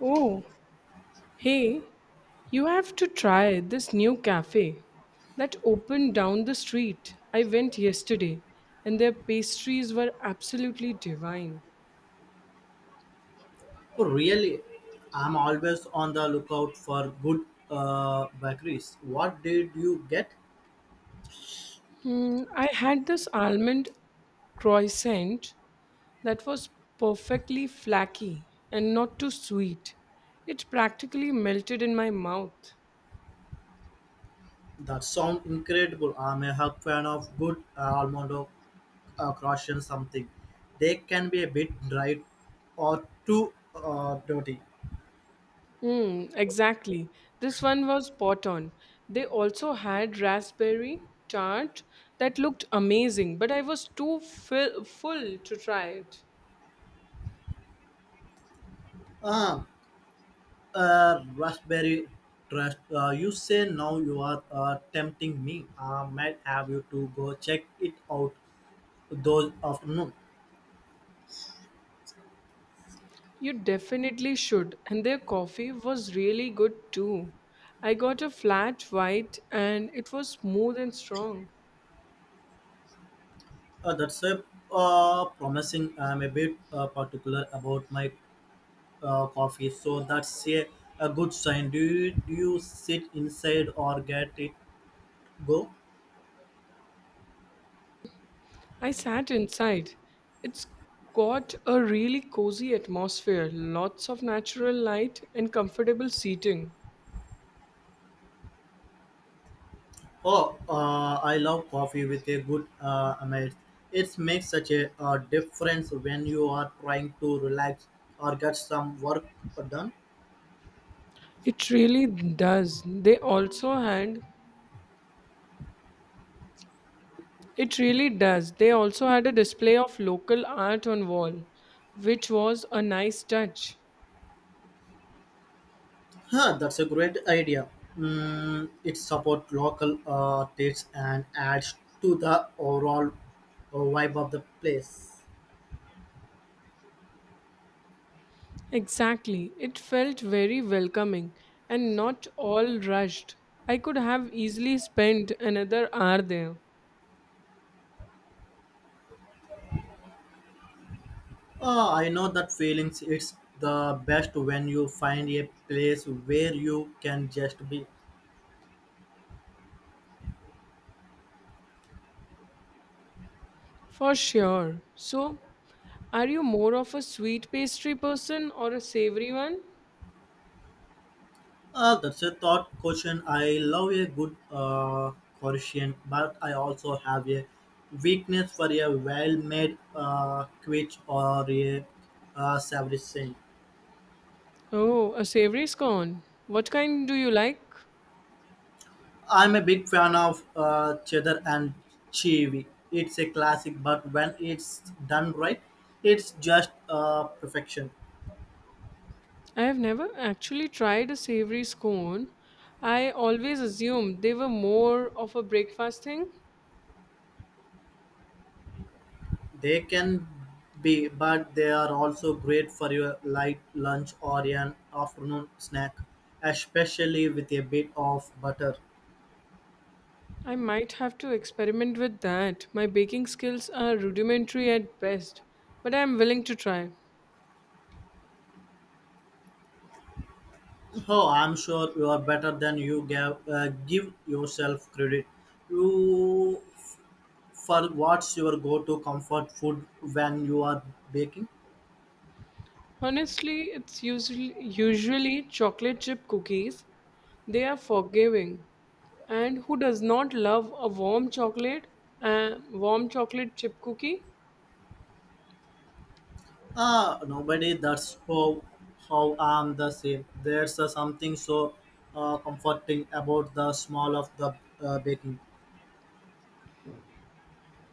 Oh, hey, you have to try this new cafe that opened down the street. I went yesterday and their pastries were absolutely divine. Oh really, I'm always on the lookout for good bakeries. What did you get? I had this almond croissant that was perfectly flaky and not too sweet. It practically melted in my mouth. That sound incredible. I'm a hub fan of good almond or croissant something. They can be a bit dry or too dirty. Hmm, exactly. This one was spot on. They also had raspberry tart that looked amazing, but I was full to try it. Ah, Raspberry trust. You say now you are tempting me. I might have you to go check it out those afternoon. You definitely should, and their coffee was really good too. I got a flat white and it was smooth and strong. That's a promising. I'm a bit particular about my coffee, so a good sign. Do you sit inside or get it go? I sat inside. It's got a really cozy atmosphere, lots of natural light, and comfortable seating. Oh, I love coffee with a good amid. It makes such a difference when you are trying to relax or get some work done. It really does. They also had it really does. They also had a display of local art on wall, which was a nice touch. Huh, that's a great idea. Mm, it supports local artists and adds to the overall vibe of the place. Exactly. It felt very welcoming and not all rushed. I could have easily spent another hour there. I know that feelings. It's the best when you find a place where you can just be. For sure. So, are you more of a sweet pastry person or a savory one? That's a thought question. I love a good question, but I also have a weakness for a well-made quiche or a savory thing. Oh, a savory scone. What kind do you like? I'm a big fan of cheddar and cheese. It's a classic, but when it's done right, it's just perfection. I have never actually tried a savory scone. I always assumed they were more of a breakfast thing. They can be, but they are also great for your light lunch or an afternoon snack, especially with a bit of butter. I might have to experiment with that. My baking skills are rudimentary at best, but I am willing to try. Oh, I'm sure you are better than you give yourself credit. You, for what's your go-to comfort food when you are baking? Honestly, it's usually chocolate chip cookies. They are forgiving. And who does not love a a warm chocolate chip cookie? Ah, nobody. That's how I'm the same. There's something so comforting about the smell of the baking.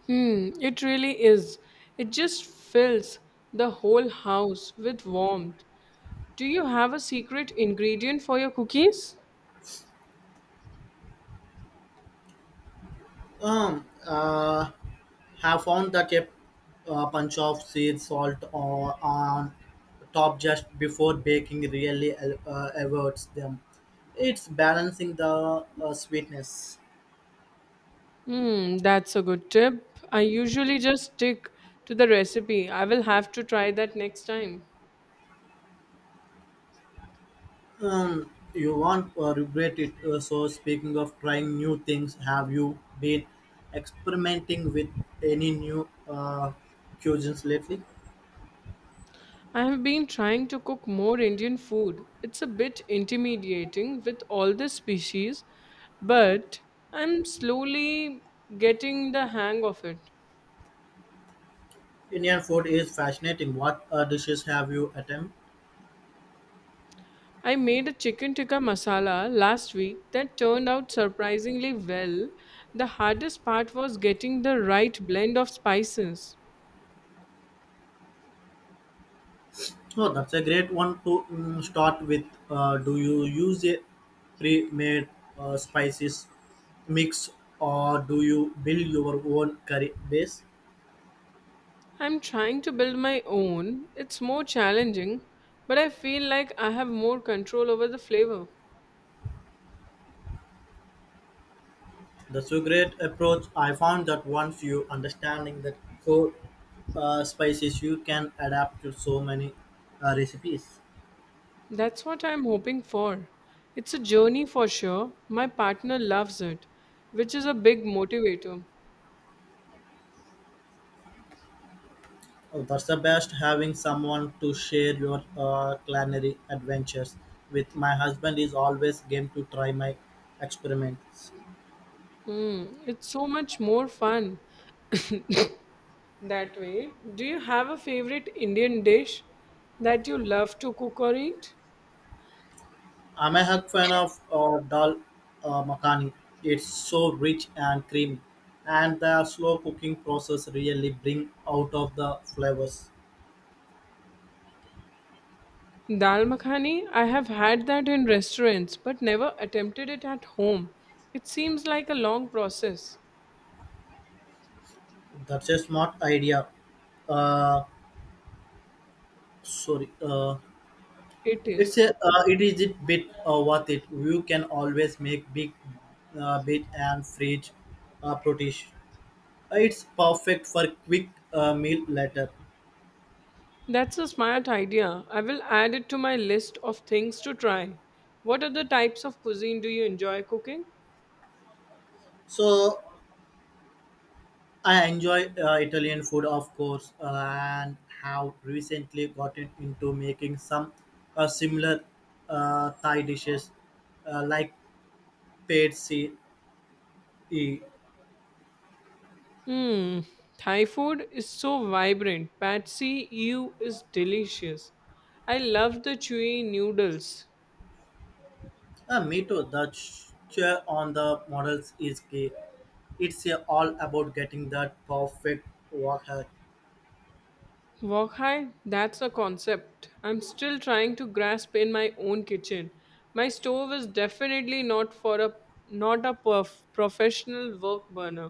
Hmm, it really is. It just fills the whole house with warmth. Do you have a secret ingredient for your cookies? Um, uh, have found that a punch of sea salt or on top just before baking really averts them. It's balancing the sweetness. Hmm, that's a good tip. I usually just stick to the recipe. I will have to try that next time. Um, you won't regret it. So, speaking of trying new things, have you been experimenting with any new cuisines lately? I have been trying to cook more Indian food. It's a bit intimidating with all the species, but I'm slowly getting the hang of it. Indian food is fascinating. What dishes have you attempted? I made a chicken tikka masala last week that turned out surprisingly well. The hardest part was getting the right blend of spices. Oh, that's a great one to start with. Do you use a pre-made spices mix, or do you build your own curry base? I'm trying to build my own. It's more challenging, but I feel like I have more control over the flavor. That's a great approach. I found that once you understanding the core spices, you can adapt to so many recipes. That's what I'm hoping for. It's a journey for sure. My partner loves it, which is a big motivator. Oh, that's the best having someone to share your culinary adventures with. My husband is always game to try my experiments. Hmm, it's so much more fun that way. Do you have a favorite Indian dish that you love to cook or eat? I'm a hug fan of dal makhani. It's so rich and creamy, and the slow cooking process really bring out of the flavors. Dal makhani, I have had that in restaurants but never attempted it at home. It seems like a long process. That's a smart idea. Uh, sorry. It is. It is a bit worth it. You can always make big bit and fridge protein. It's perfect for quick meal later. That's a smart idea. I will add it to my list of things to try. What other types of cuisine do you enjoy cooking? So I enjoy Italian food, of course, and have recently gotten into making some similar Thai dishes like pad see Hmm, Thai food is so vibrant. Patsy Ew is delicious. I love the chewy noodles. Me too. The chair on the models is key. It's all about getting that perfect workout. Wok high? That's a concept I'm still trying to grasp in my own kitchen. My stove is definitely not a professional work burner.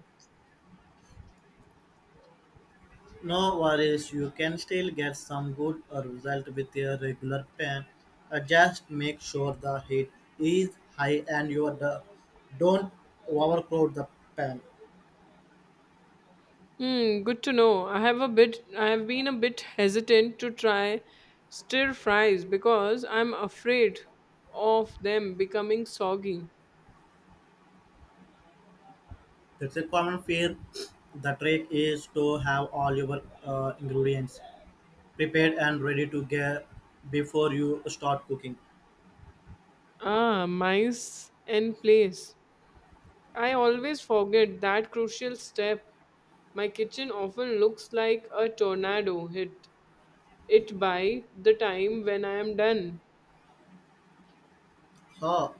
No worries, you can still get some good result with your regular pen. Just make sure the heat is high and don't overcrowd the pen. Hmm, good to know. I have been a bit hesitant to try stir fries because I'm afraid of them becoming soggy. That's a common fear. The trick is to have all your ingredients prepared and ready to get before you start cooking. Ah, mice and place. I always forget that crucial step. My kitchen often looks like a tornado hit it by the time when I am done. Oh,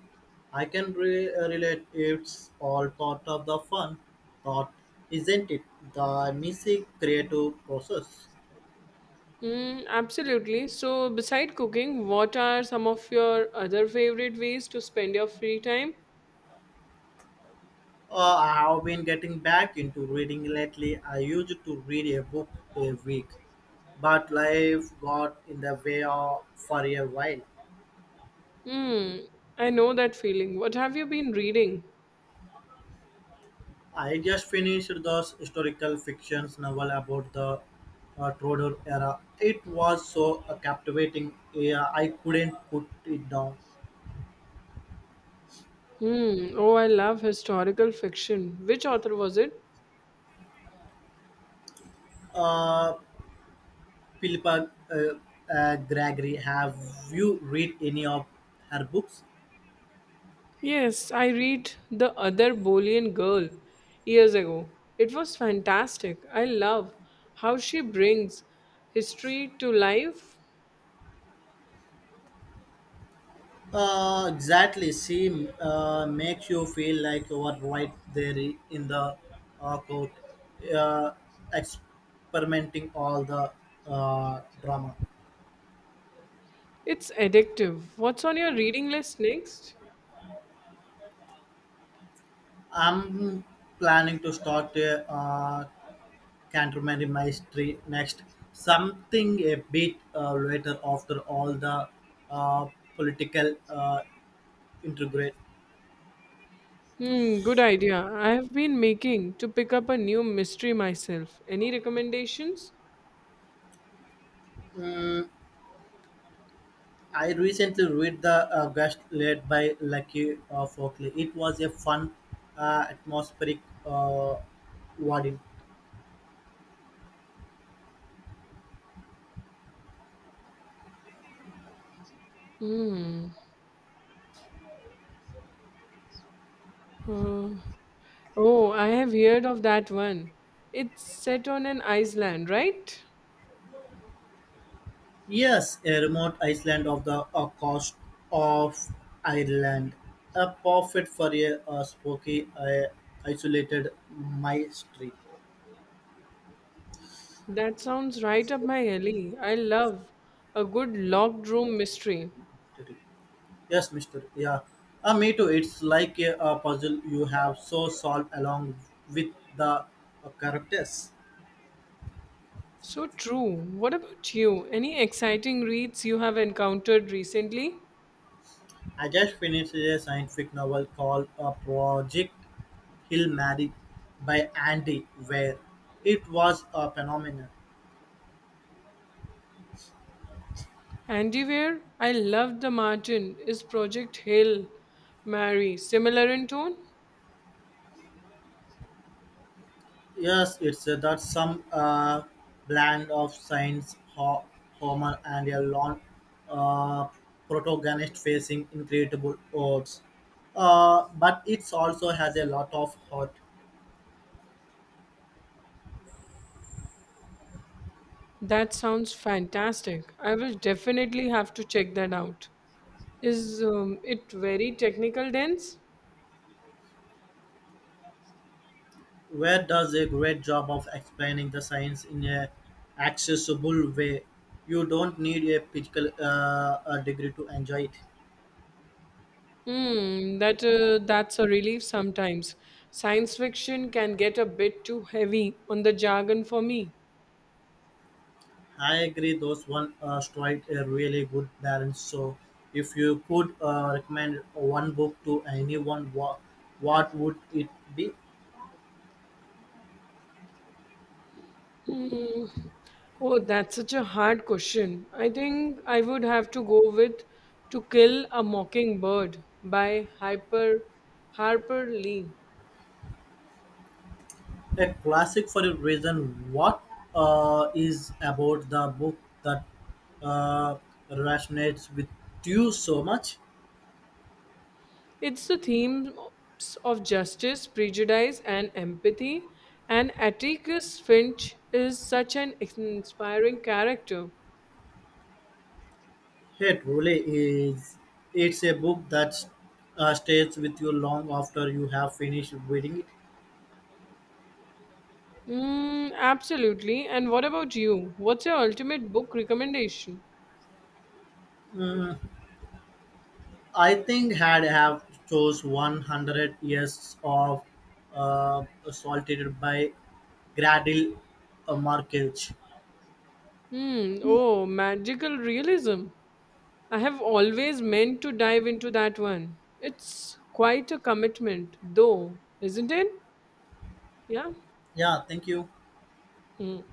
I can relate. It's all part of the fun, thought, isn't it? The messy creative process. Hmm, absolutely. So, beside cooking, what are some of your other favorite ways to spend your free time? I have been getting back into reading lately. I used to read a book a week, but life got in the way of, for a while. Hmm, I know that feeling. What have you been reading? I just finished this historical fiction novel about the Tudor era. It was so captivating. Yeah, I couldn't put it down. Hmm, oh, I love historical fiction. Which author was it? Uh, Philippa Gregory. Have you read any of her books? Yes, I read The Other Bolian Girl years ago. It was fantastic. I love how she brings history to life. Exactly. She makes you feel like you are right there in the court, uh, experimenting all the drama. It's addictive. What's on your reading list next? I'm planning to start a Canterbury Mystery next. Something a bit later after all the uh, political integrate. Hmm, good idea. I have been making to pick up a new mystery myself. Any recommendations? I recently read The Guest led by Lucky Folkley. It was a fun, atmospheric uh, reading. Hmm. Uh, oh, I have heard of that one. It's set on an island, right? Yes, a remote island of the coast of Ireland. A perfect for a spooky, isolated mystery. That sounds right up my alley. I love a good locked room mystery. Yes, Mister. Yeah. Me too. It's like a puzzle you have so solved along with the characters. So true. What about you? Any exciting reads you have encountered recently? I just finished a scientific novel called Project Hill Mary by Andy Weir. It was a phenomenon. Andiware, I loved the Martin. Is Project Hill Mary similar in tone? Yes, it's that some blend of science, Homer, and a long uh, protagonist facing incredible odds. But it also has a lot of heart. That sounds fantastic. I will definitely have to check that out. Is it very technical dense? Where does a great job of explaining the science in a accessible way. You don't need a physical a degree to enjoy it. Hmm, that's a relief sometimes. Science fiction can get a bit too heavy on the jargon for me. I agree. Those one strike a really good balance. So, if you could recommend one book to anyone, what would it be? Hmm. Oh, that's such a hard question. I think I would have to go with To Kill a Mockingbird by Hyper Harper Lee. A classic for a reason. What is about the book that uh, resonates with you so much? It's the themes of justice, prejudice, and empathy, and Atticus Finch is such an inspiring character. It really is. It's a book that stays with you long after you have finished reading it. Mm, absolutely. And what about you? What's your ultimate book recommendation? Mm, I think had have chose 100 years of assaulted by Gradil Markage. Hmm. Oh, magical realism. I have always meant to dive into that one. It's quite a commitment, though, isn't it? Yeah. Yeah, thank you. Hmm.